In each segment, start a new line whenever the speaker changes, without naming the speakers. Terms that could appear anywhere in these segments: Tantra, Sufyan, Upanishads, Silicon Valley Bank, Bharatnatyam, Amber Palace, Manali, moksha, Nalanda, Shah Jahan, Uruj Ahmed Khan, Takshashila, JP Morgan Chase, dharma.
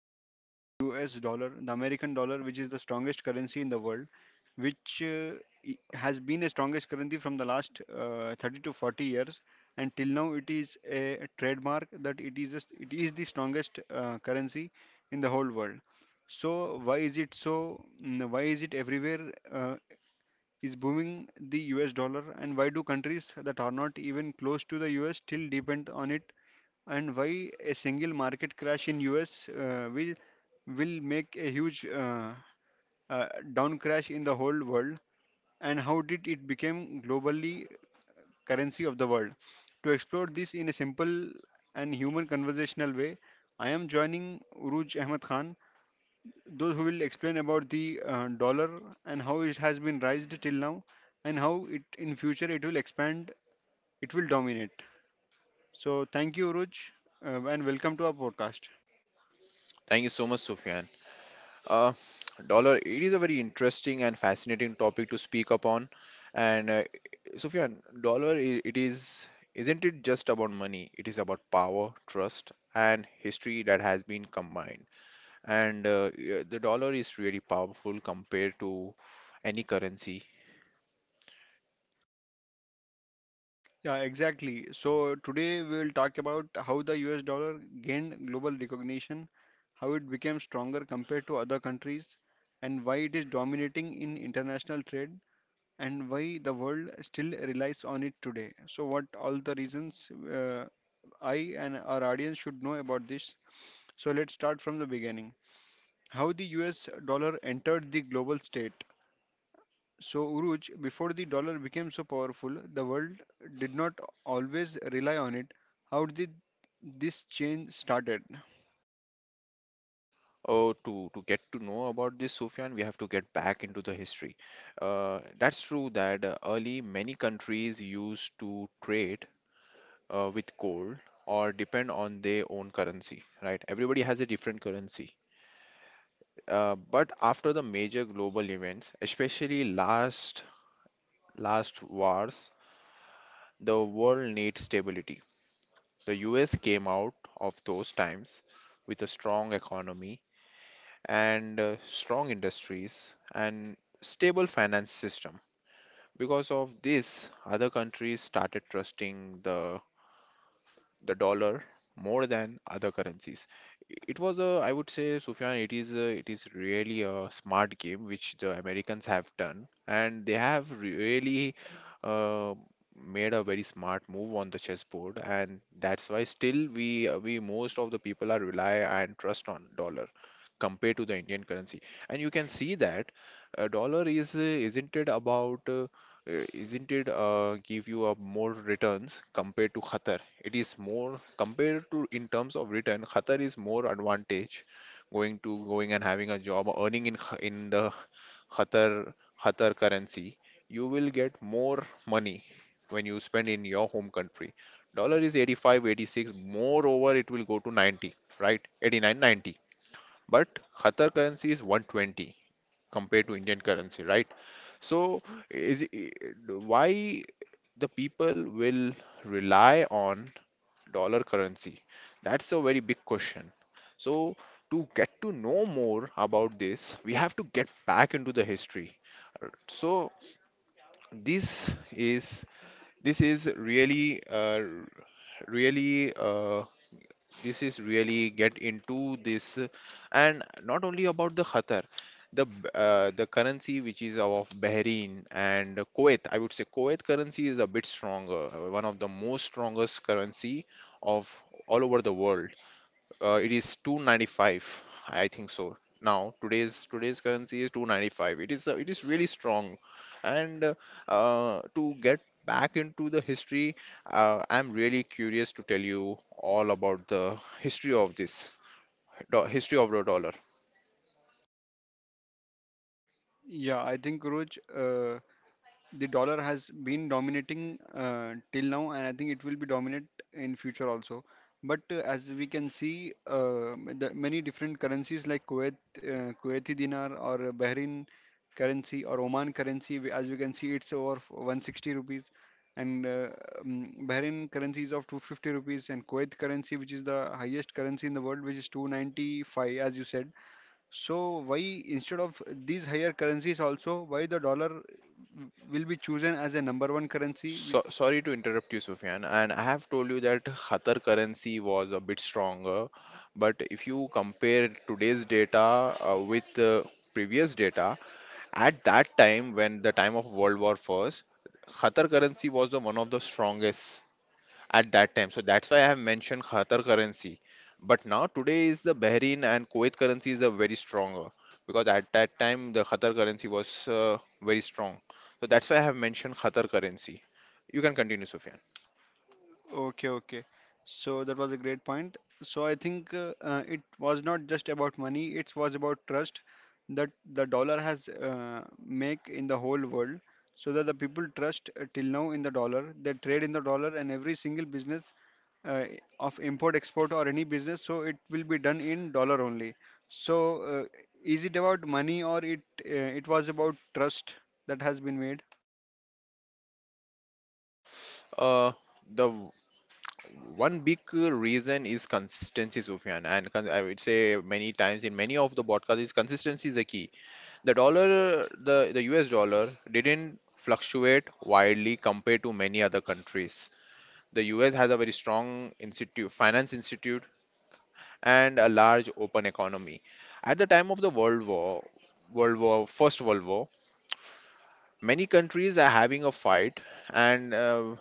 the US dollar, the American dollar, which is the strongest currency in the world, which has been the strongest currency from the last 30 to 40 years. And till now, it is a trademark that it is the strongest currency in the whole world. So, why is it so? Why is it everywhere is booming the US dollar? And why do countries that are not even close to the US still depend on it, and why a single market crash in US will make a huge uh, down crash in the whole world, and how did it become globally currency of the world? To explore this in a simple and human conversational way, I am joining Uruj Ahmed Khan, those who will explain about the dollar and how it has been raised till now, and how it in future it will expand, it will dominate. So thank you, Uruj, and welcome to our podcast.
Thank you so much, Sufyan. Uh, Dollar, it is a very interesting and fascinating topic to speak upon. And Sufyan, dollar, it is, isn't it just about money? It is about power, trust, and history that has been combined. And yeah, the dollar is really powerful compared to any currency.
Yeah, exactly. So today we will talk about how the US dollar gained global recognition, how it became stronger compared to other countries, and why it is dominating in international trade, and why the world still relies on it today. So, what all the reasons I and our audience should know about this? So, let's start from the beginning. How the US dollar entered the global state. So, Uruj, before the dollar became so powerful, the world did not always rely on it. How did this change started?
Oh, to get to know about this, Sufyan, we have to get back into the history. That's true that early many countries used to trade with gold or depend on their own currency, right? Everybody has a different currency. But after the major global events, especially last wars, the world needs stability. The US came out of those times with a strong economy and strong industries and stable finance system. Because of this, other countries started trusting the dollar more than other currencies. It was a, I would say, Sufyan, it is a, it is really a smart game which the Americans have done, and they have really uh, made a very smart move on the chessboard, and that's why still we most of the people are rely and trust on dollar compared to the Indian currency. And you can see that a dollar is isn't it about isn't it give you a more returns compared to Qatar, it is more compared to in terms of return, Qatar is more advantage going to going and having a job, earning in in the Qatar Qatar currency. You will get more money when you spend in your home country. Dollar is 85, 86. Moreover, it will go to 90, right? 89, 90. But Qatar currency is 120 compared to Indian currency, right? So is i- why the people will rely on dollar currency? That's a very big question. So, to get to know more about this, we have to get back into the history. So, this is this is really uh, really uh, this is really get into this and not only about the Qatar, the currency which is of Bahrain and Kuwait. I would say Kuwait currency is a bit stronger, one of the most strongest currency of all over the world. It is 295, I think so. Now today's currency is 295. It is really strong, and to get back into the history, I'm really curious to tell you all about the history of this do history of the dollar.
Yeah, I think Uruj, the dollar has been dominating till now, and I think it will be dominant in future also, but as we can see the many different currencies like Kuwait Kuwaiti dinar or Bahrain currency or Oman currency, as we can see it's over 160 rupees, and um, Bahrain currency is of 250 rupees, and Kuwait currency, which is the highest currency in the world, which is 295, as you said. So why, instead of these higher currencies also, why the dollar will be chosen as a number one currency?
So, sorry to interrupt you, Sufyan, and I have told you that Qatar currency was a bit stronger, but if you compare today's data with the previous data, at that time, when the time of World War First, Qatar currency was the one of the strongest at that time. So that's why I have mentioned Qatar currency. But now today is the Bahrain and Kuwait currency is a very stronger because at that time the Qatar currency was very strong. So that's why I have mentioned Qatar currency. You can continue, Sufyan.
Okay, okay. So that was a great point. So I think it was not just about money, it was about trust that the dollar has make in the whole world. So that the people trust till now in the dollar, they trade in the dollar, and every single business uh, of import export or any business, so it will be done in dollar only. So is it about money, or it was about trust that has been made?
Uh, the w- One big reason is consistency, Sufyan, and I would say many times in many of the podcasts is consistency is a key. The dollar, the US dollar didn't fluctuate widely compared to many other countries. The US has a very strong institute, finance institute and a large open economy. At the time of the First World War, many countries are having a fight, and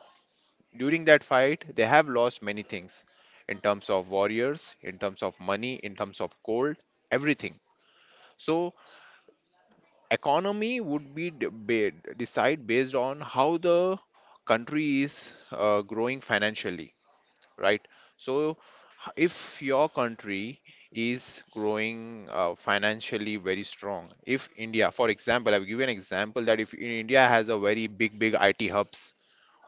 during that fight, they have lost many things in terms of warriors, in terms of money, in terms of gold, everything. So economy would be decide based on how the country is growing financially, right? So if your country is growing financially very strong, if India, for example, I've given an example that if India has a very big big IT hubs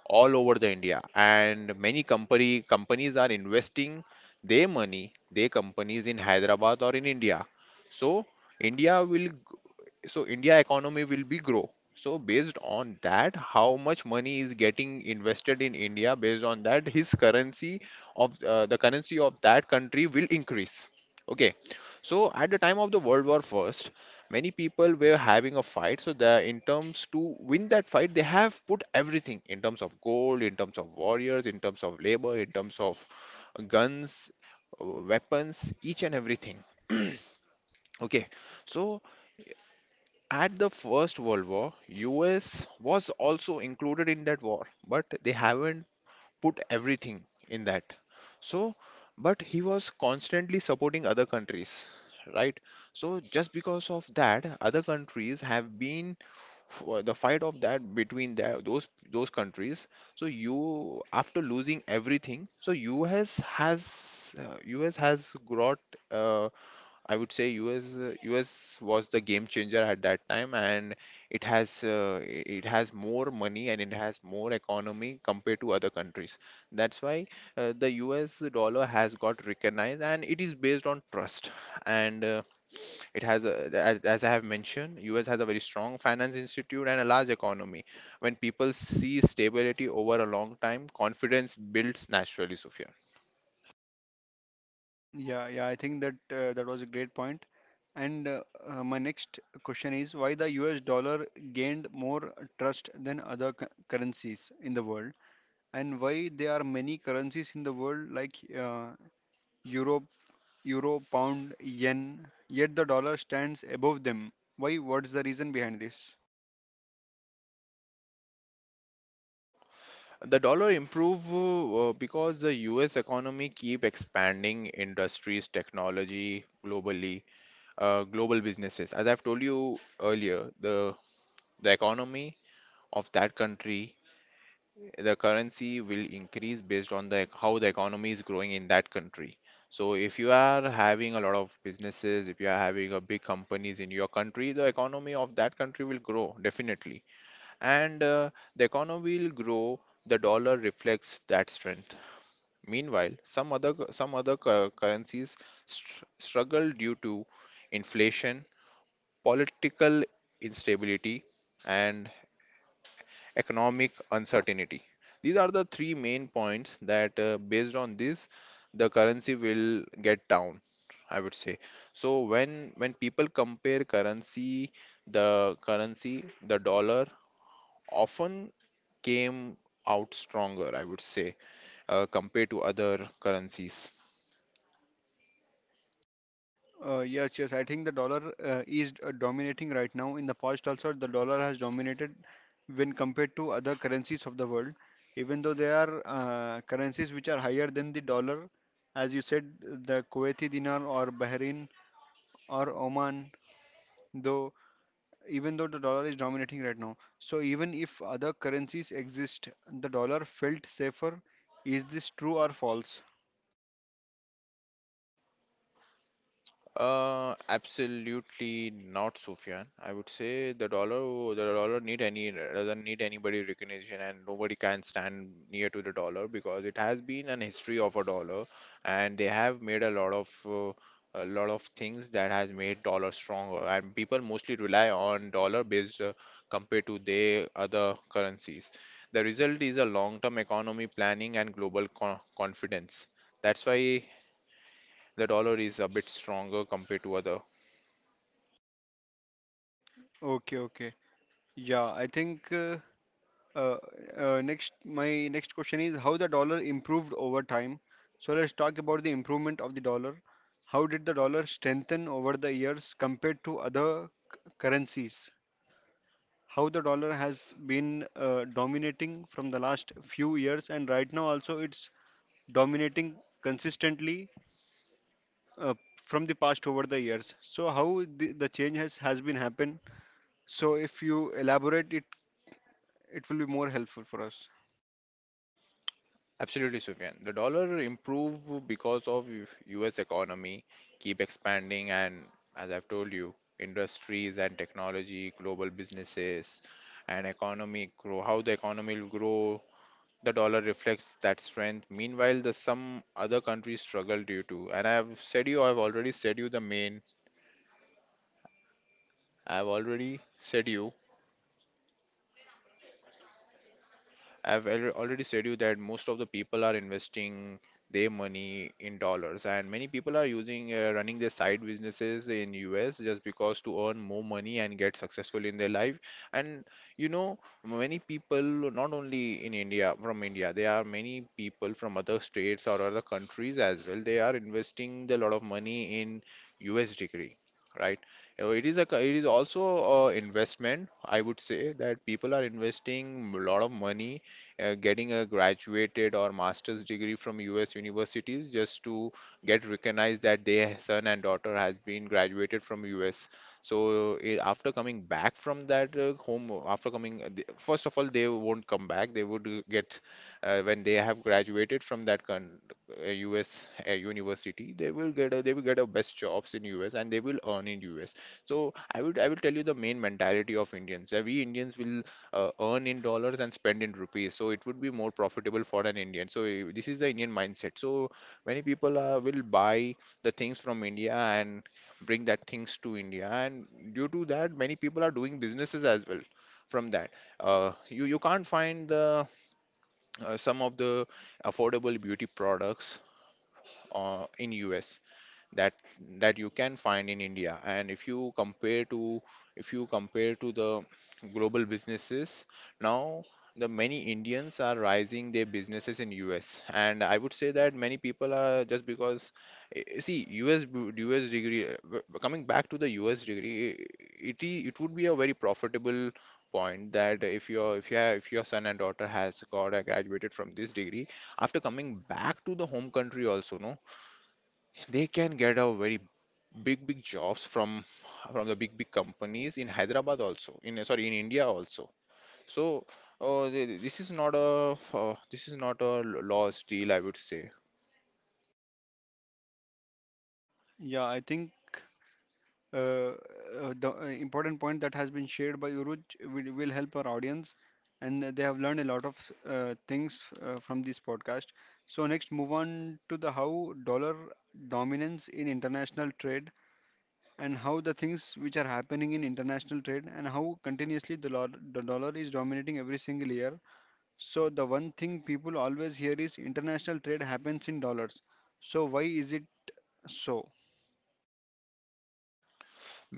all over the India and many company companies are investing their money, their companies in Hyderabad or in India, so India will India economy will be grow. So based on that, how much money is getting invested in India, based on that, his currency of the currency of that country will increase. Okay, so at the time of the World War First, many people were having a fight. So the in terms to win that fight, they have put everything in terms of gold, in terms of warriors, in terms of labor, in terms of guns, weapons, each and everything. Okay, so at the First World War, US was also included in that war, but they haven't put everything in that. So, but he was constantly supporting other countries, right? So just because of that, other countries have been for the fight of that between that, those countries. So you after losing everything, so US has got uh, I would say US was the game changer at that time, and it has it has more money and it has more economy compared to other countries. That's why the US dollar has got recognized, and it is based on trust. And it has, as I have mentioned, US has a very strong finance institute and a large economy. When people see stability over a long time, confidence builds naturally, Sophia.
Yeah, yeah, I think that that was a great point. And my next question is why the US dollar gained more trust than other currencies in the world, and why there are many currencies in the world like Euro, Euro, Pound, Yen, yet the dollar stands above them. Why? What's the reason behind this?
The dollar improve because the US economy keep expanding industries, technology globally, global businesses. As I've told you earlier, the economy of that country, the currency will increase based on the how the economy is growing in that country. So if you are having a lot of businesses, if you are having a big companies in your country, the economy of that country will grow definitely, and the economy will grow. The dollar reflects that strength. Meanwhile, some other currencies struggle due to inflation, political instability, and economic uncertainty. These are the three main points that, based on this, the currency will get down, I would say. So when people compare currency, the dollar often came out stronger, I would say, compared to other currencies.
Yes, yes. I think the dollar is dominating right now. In the past, also, the dollar has dominated when compared to other currencies of the world, even though there are currencies which are higher than the dollar, as you said, the Kuwaiti dinar or Bahrain or Oman, though, even though the dollar is dominating right now. So, even if other currencies exist, the dollar felt safer. Is this true or false?
Absolutely not, Sufyan. I would say the dollar need any doesn't need anybody recognition, and nobody can stand near to the dollar because it has been an history of a dollar, and they have made a lot of things that has made dollar stronger, and people mostly rely on dollar based compared to their other currencies. The result is a long-term economy planning and global co confidence. That's why the dollar is a bit stronger compared to other.
Okay, okay. Yeah, I think Uh, next, my next question is how the dollar improved over time. So let's talk about the improvement of the dollar. How did the dollar strengthen over the years compared to other currencies? How the dollar has been dominating from the last few years, and right now also it's dominating consistently uh, from the past over the years. So how the change has been happened. So if you elaborate it, it will be more helpful for us.
Absolutely, Sufyan. The dollar improved because of US economy keep expanding and as I've told you, industries and technology, global businesses and economy grow. How the economy will grow, the dollar reflects that strength. Meanwhile, the some other countries struggle due to. And I've said you, I've already said you the main. I've already said you I've al- already said you that most of the people are investing their money in dollars, and many people are using running their side businesses in US just because to earn more money and get successful in their life. And you know, many people, not only in India, from India, there are many people from other states or other countries as well. They are investing a lot of money in US degree, right? It is a, it is also a investment. I would say that people are investing a lot of money getting a graduated or master's degree from US universities just to get recognized that their son and daughter has been graduated from US. So eh, after coming back from that home, after coming, first of all, they won't come back. They would get when they have graduated from that con US university, they will get a best jobs in US and they will earn in US. So I will tell you the main mentality of Indians. We Indians will earn in dollars and spend in rupees. So it would be more profitable for an Indian. So this is the Indian mindset. So many people will buy the things from India and bring that things to India. And due to that, many people are doing businesses as well from that. You can't find the some of the affordable beauty products in US that that you can find in India. And if you compare to the global businesses, now the many Indians are rising their businesses in US. And I would say that many people are just because see US degree, coming back to the US degree, it would be a very profitable point that if your son and daughter has got a graduated from this degree, after coming back to the home country also, no, they can get a very big big jobs from the big big companies in Hyderabad, also in, sorry, in India also. so this is not a f- this is not a lost deal, I would say,
Yeah, I think. Uh, the important point that has been shared by Uruj will help our audience, and they have learned a lot of things from this podcast. So next, move on to the how dollar dominance in international trade, and how the things which are happening in international trade, and how continuously the dollar is dominating every single year. So the one thing people always hear is international trade happens in dollars. So why is it so?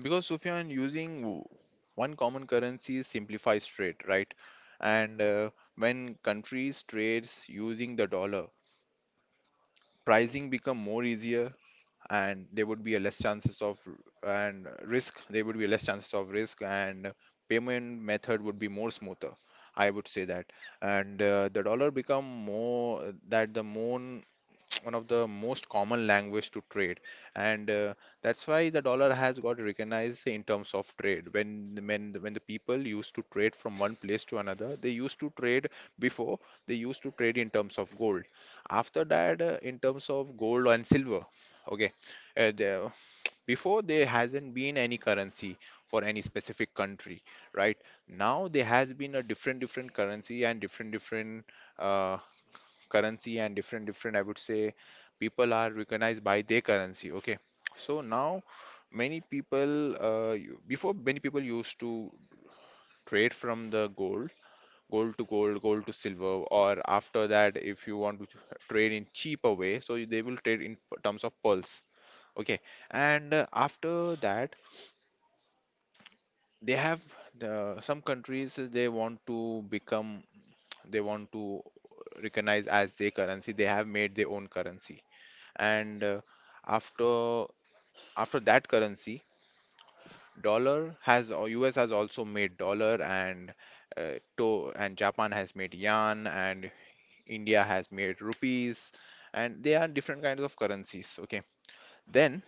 because, Sufyan, one common currency simplifies trade, right? and When countries trades using the dollar, pricing become more easier, and there would be a less chances of, and risk, there would be less chances of risk, and payment method would be more smoother, I would say that. And The dollar become more, that the more one of the most common language to trade. And That's why the dollar has got recognized in terms of trade. When the people used to trade from one place to another, they used to trade before, they used to trade in terms of gold. After that, in terms of gold and silver. Okay. uh, the, Before, there hasn't been any currency for any specific country, right? Now there has been a different different currency and different different, uh, currency and different different, I would say, people are recognized by their currency. Okay. So now, many before, many people used to trade from the gold, gold to gold, gold to silver. Or after that, if you want to trade in cheaper way, so they will trade in terms of pulse. Okay. and After that, they have, some countries, they want to become, they want to recognize as their currency, they have made their own currency. And After, after that currency, dollar has, or US has also made dollar, and, to and Japan has made yen, and India has made rupees, and they are different kinds of currencies. Okay. Then,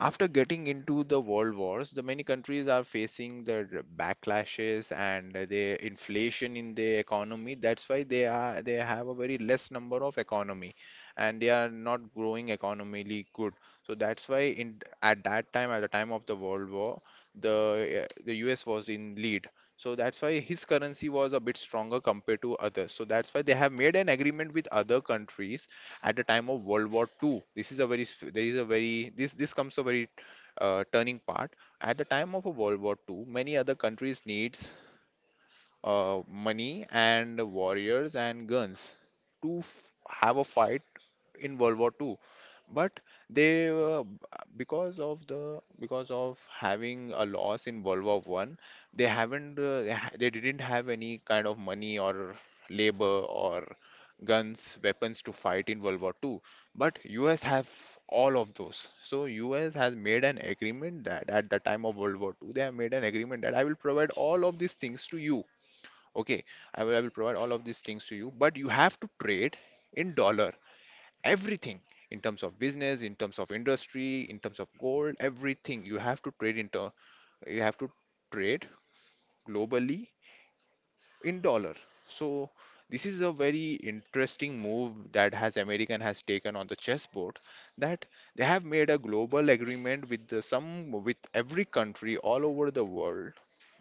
after getting into the world wars, the many countries are facing the backlashes and the inflation in the economy. That's why they are, they have a very less number of economy, and they are not growing economically good. So that's why in, at that time, at the time of the world war, the U.S. was in lead. So that's why his currency was a bit stronger compared to others. So that's why they have made an agreement with other countries at the time of World War Two. This is a there is a very, this comes a very turning part. At the time of a World War Two, many other countries needs money and warriors and guns to f have a fight in World War Two. But they, uh, because of the, because of having a loss in World War One, they haven't they, ha they didn't have any kind of money or labor or guns, weapons to fight in World War Two. But US have all of those. So US has made an agreement that at the time of World War Two, they have made an agreement that I will provide all of these things to you. Okay, I will provide all of these things to you, but you have to trade in dollar, everything, in terms of business, in terms of industry, in terms of gold, everything you have to trade into, you have to trade globally in dollar. So this is a very interesting move that has american has taken on the chessboard, that they have made a global agreement with the, some, with every country all over the world.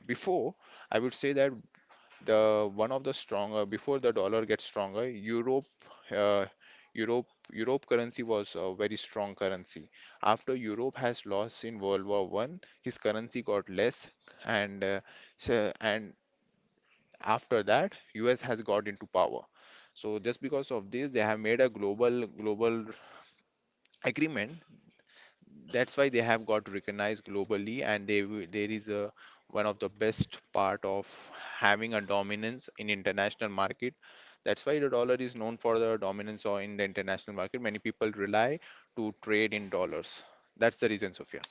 Before, I would say that the one of the stronger, before the dollar gets stronger, uh, europe europe currency was a very strong currency. After europe has lost in world war One, his currency got less, and so, and after that, us has got into power. So just because of this, they have made a global global agreement. That's why they have got recognized globally, and there is a, one of the best part of having a dominance in international market. That's why the dollar is known for the dominance, or in the international market, many people rely to trade in dollars. That's the reason, Sufyan.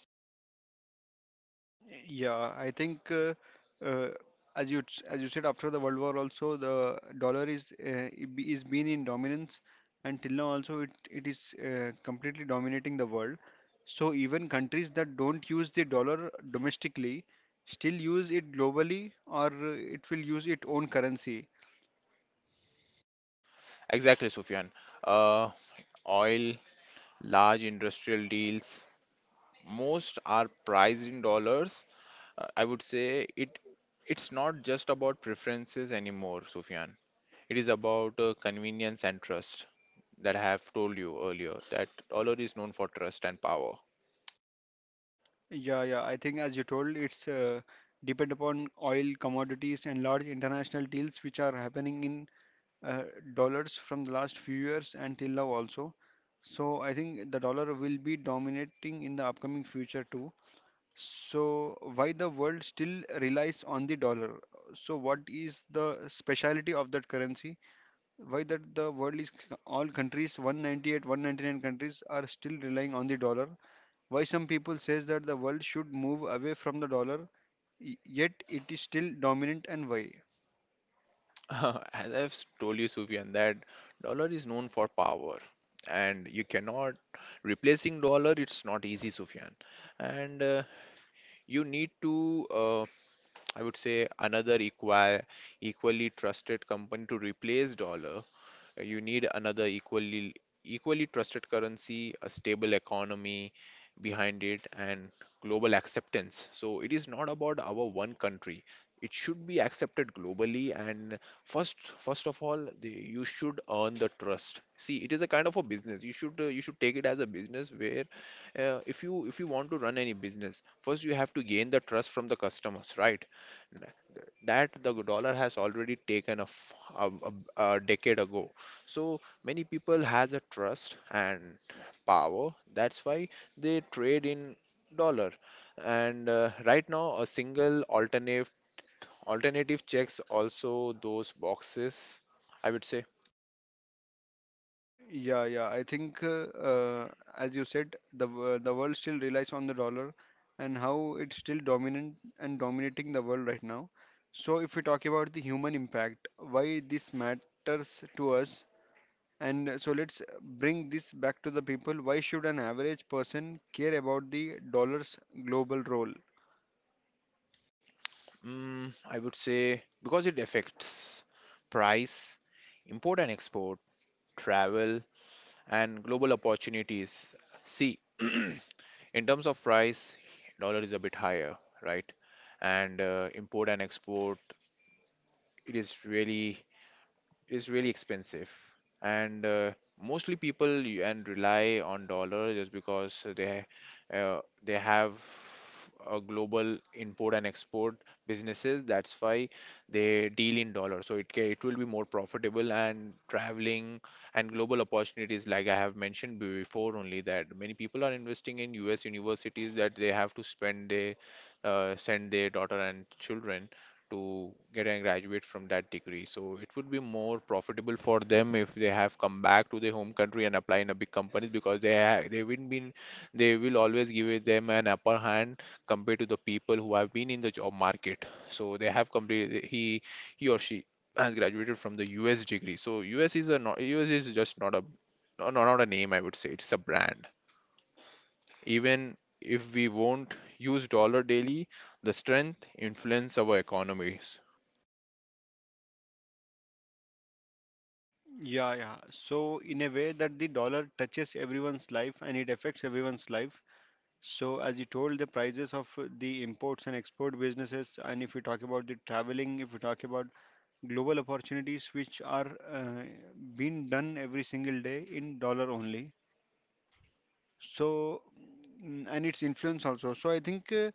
Yeah, I think uh, as you as you said, after the World War also, the dollar is is been in dominance, and till now also it is completely dominating the world. So even countries that don't use the dollar domestically still use it globally, or it will use its own currency.
Exactly, Sufyan. uh, Oil, large industrial deals, most are priced in dollars. I would say it it's not just about preferences anymore, Sufyan. It is about convenience and trust, that I have told you earlier, that dollar is known for trust and power.
Yeah, yeah. I think as you told, it's depend upon oil commodities and large international deals which are happening in uh, dollars from the last few years and till now also. So I think the dollar will be dominating in the upcoming future too. So why the world still relies on the dollar? So what is the speciality of that currency? Why that the world is all countries 198, 199 countries are still relying on the dollar? Why some people says that the world should move away from the dollar, yet it is still dominant, and why?
As told you, Sufyan, that dollar is known for power, and you cannot replacing dollar. It's not easy, Sufyan, and you need to, I would say, another equally trusted company to replace dollar. You need another equally trusted currency, a stable economy behind it, and global acceptance. So it is not about our one country. It should be accepted globally, and first of all, you should earn the trust. See, it is a kind of a business. You should take it as a business where, if you want to run any business, first you have to gain the trust from the customers, right? That the dollar has already taken, a, f- a decade ago. So many people has a trust and power, that's why they trade in dollar. And Right now, a single alternative checks also those boxes, I would say.
Yeah, yeah. I think, as you said, the world still relies on the dollar and how it's still dominant and dominating the world right now. So, if we talk about the human impact, why this matters to us, and so let's bring this back to the people. Why should an average person care about the dollar's global role?
Mm, I would say because it affects price, import and export, travel, and global opportunities. See. In terms of price, dollar is a bit higher, right? And Import and export, it is really expensive. And Mostly people y- and rely on dollar just because they have a global import and export businesses. That's why they deal in dollar, so it will be more profitable. And traveling and global opportunities, like I have mentioned before only, that many people are investing in US universities, that they have to spend they send their daughter and children to get and graduate from that degree. So it would be more profitable for them if they have come back to their home country and apply in a big company, because they will be, they will always give it them an upper hand compared to the people who have been in the job market. So they have completed, he or she has graduated from the US degree. So US is a not US is just not a, no, no, not a name, I would say. It's a brand. Even if we won't use dollar daily, the strength influence our economies.
Yeah, yeah. So, in a way that the dollar touches everyone's life, and it affects everyone's life. So, as you told, the prices of the imports and export businesses, and if we talk about the traveling, if we talk about global opportunities, which are being done every single day in dollar only. So, and its influence also. So, I think uh,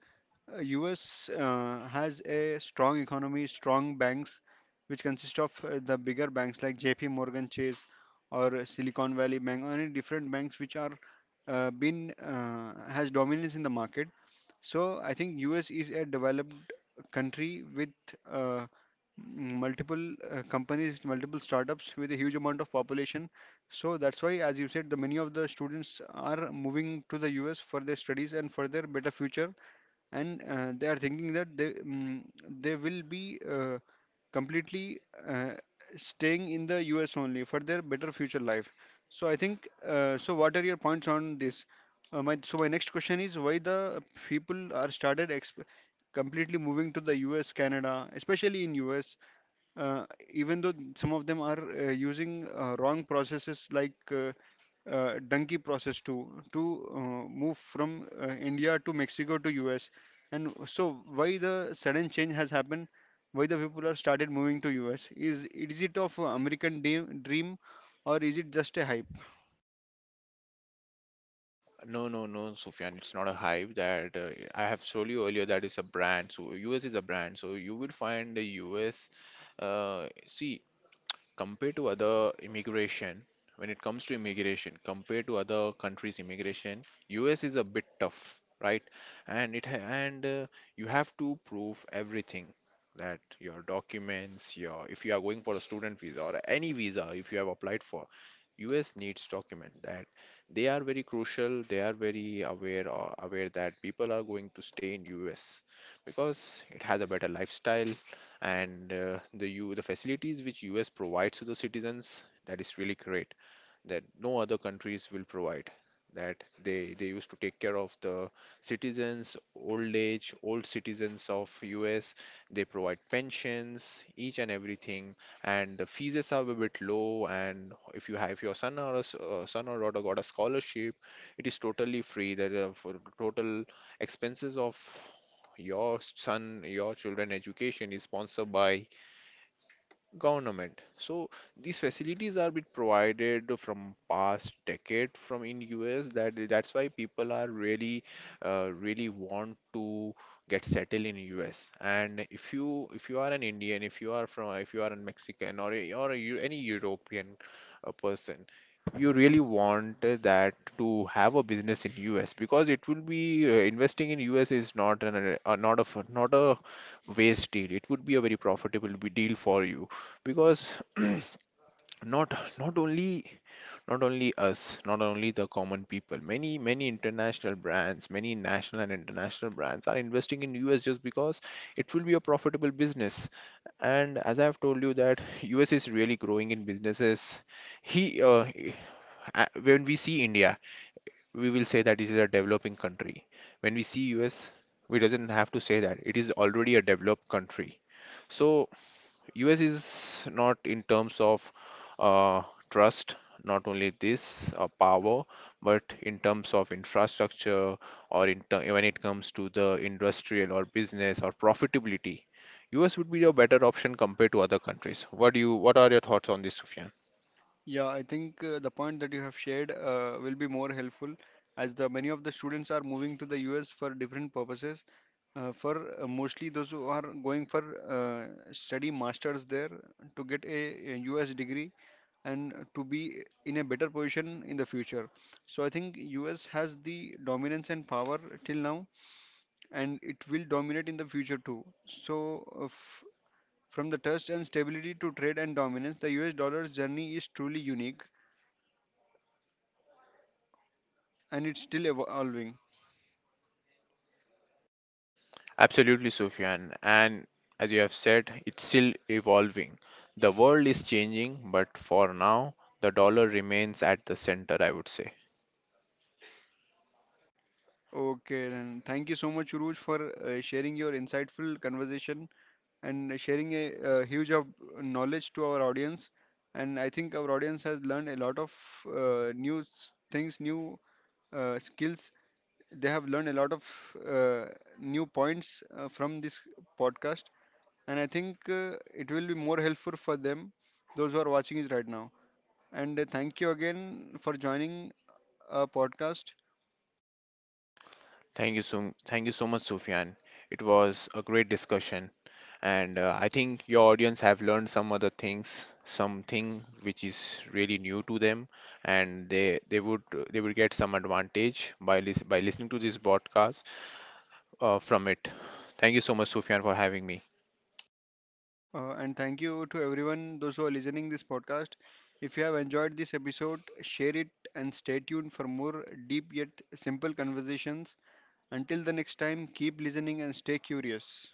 uh, US has a strong economy, strong banks, which consist of the bigger banks like JP Morgan Chase or Silicon Valley Bank, or any different banks which are been has dominance in the market. So I think US is a developed country with uh, multiple companies, multiple startups with a huge amount of population. So that's why, as you said, the many of the students are moving to the US for their studies and for their better future. And they are thinking that they will be completely uh, staying in the US only for their better future life. So I think so, what are your points on this? My so my next question is why the people are started exp completely moving to the US, Canada, especially in US, uh, even though some of them are using wrong processes like. Donkey process to move from India to Mexico to US. And so why the sudden change has happened? Why the people are started moving to US? Is it of dream, or is it just a hype?
No, no, no, Sufyan, it's not a hype. That I have told you earlier, that is a brand. So US is a brand. So you will find the US. See, compared to other immigration, when it comes to immigration, compared to other countries' immigration, US is a bit tough, right? And it ha- and You have to prove everything, that your documents, your, if you are going for a student visa or any visa if you have applied for, US needs document that they are very crucial. They are very aware that people are going to stay in US, because it has a better lifestyle, and the U the facilities which US provides to the citizens, that is really great, that no other countries will provide. That they used to take care of the citizens, old age, old citizens of US. They provide pensions, each and everything, and the fees are a bit low. And if you have, if your son or a son or daughter got a scholarship, it is totally free. That are, for the total expenses of your son, your children education is sponsored by Government. So these facilities are been provided from past decade from in US, that that's why people are really want to get settled in US. And if you, if you are an Indian, if you are from, if you are a Mexican or a, any European person, you really want that to have a business in US, because it will be, investing in US is not an, not a waste deal. It would be a very profitable deal for you, because not, not only, not only us, not only the common people, many many international brands, many national and international brands are investing in us, just because it will be a profitable business. And as I've told you that us is really growing in businesses. he uh, he- when we see india, we will say that it is a developing country. When we see us, we doesn't have to say that it is already a developed country. So US is not in terms of uh, trust, not only this power, but in terms of infrastructure, or when it comes to the industrial or business or profitability. US would be a better option compared to other countries. What do you, what are your thoughts on this, Sufyan?
Yeah, I think the point that you have shared will be more helpful, as the many of the students are moving to the US for different purposes. For mostly those who are going for study masters there to a US degree and to be in a better position in the future. So I think US has the dominance and power till now, and it will dominate in the future too. So from the trust and stability to trade and dominance, the US dollar's journey is truly unique, and it's still evolving.
Absolutely, Sufyan. And as you have said, it's still evolving. The world is changing, but for now, the dollar remains at the center, I would say.
Okay, then thank you so much, Uruj, for sharing your insightful conversation and sharing a, huge of knowledge to our audience. And I think our audience has learned a lot of things, new skills. They have learned a lot of uh, new points from this podcast, and I think it will be more helpful for them, those who are watching it right now. And thank you again for joining our podcast,
Thank you so much, Sufyan. It was a great discussion, and I think your audience have learned some other things, something which is really new to them, and they would get some advantage by listening to this broadcast from it. Thank you so much, Sufyan, for having me.
and thank you to everyone those who are listening this podcast. If you have enjoyed this episode, share it and stay tuned for more deep yet simple conversations. Until the next time, keep listening and stay curious.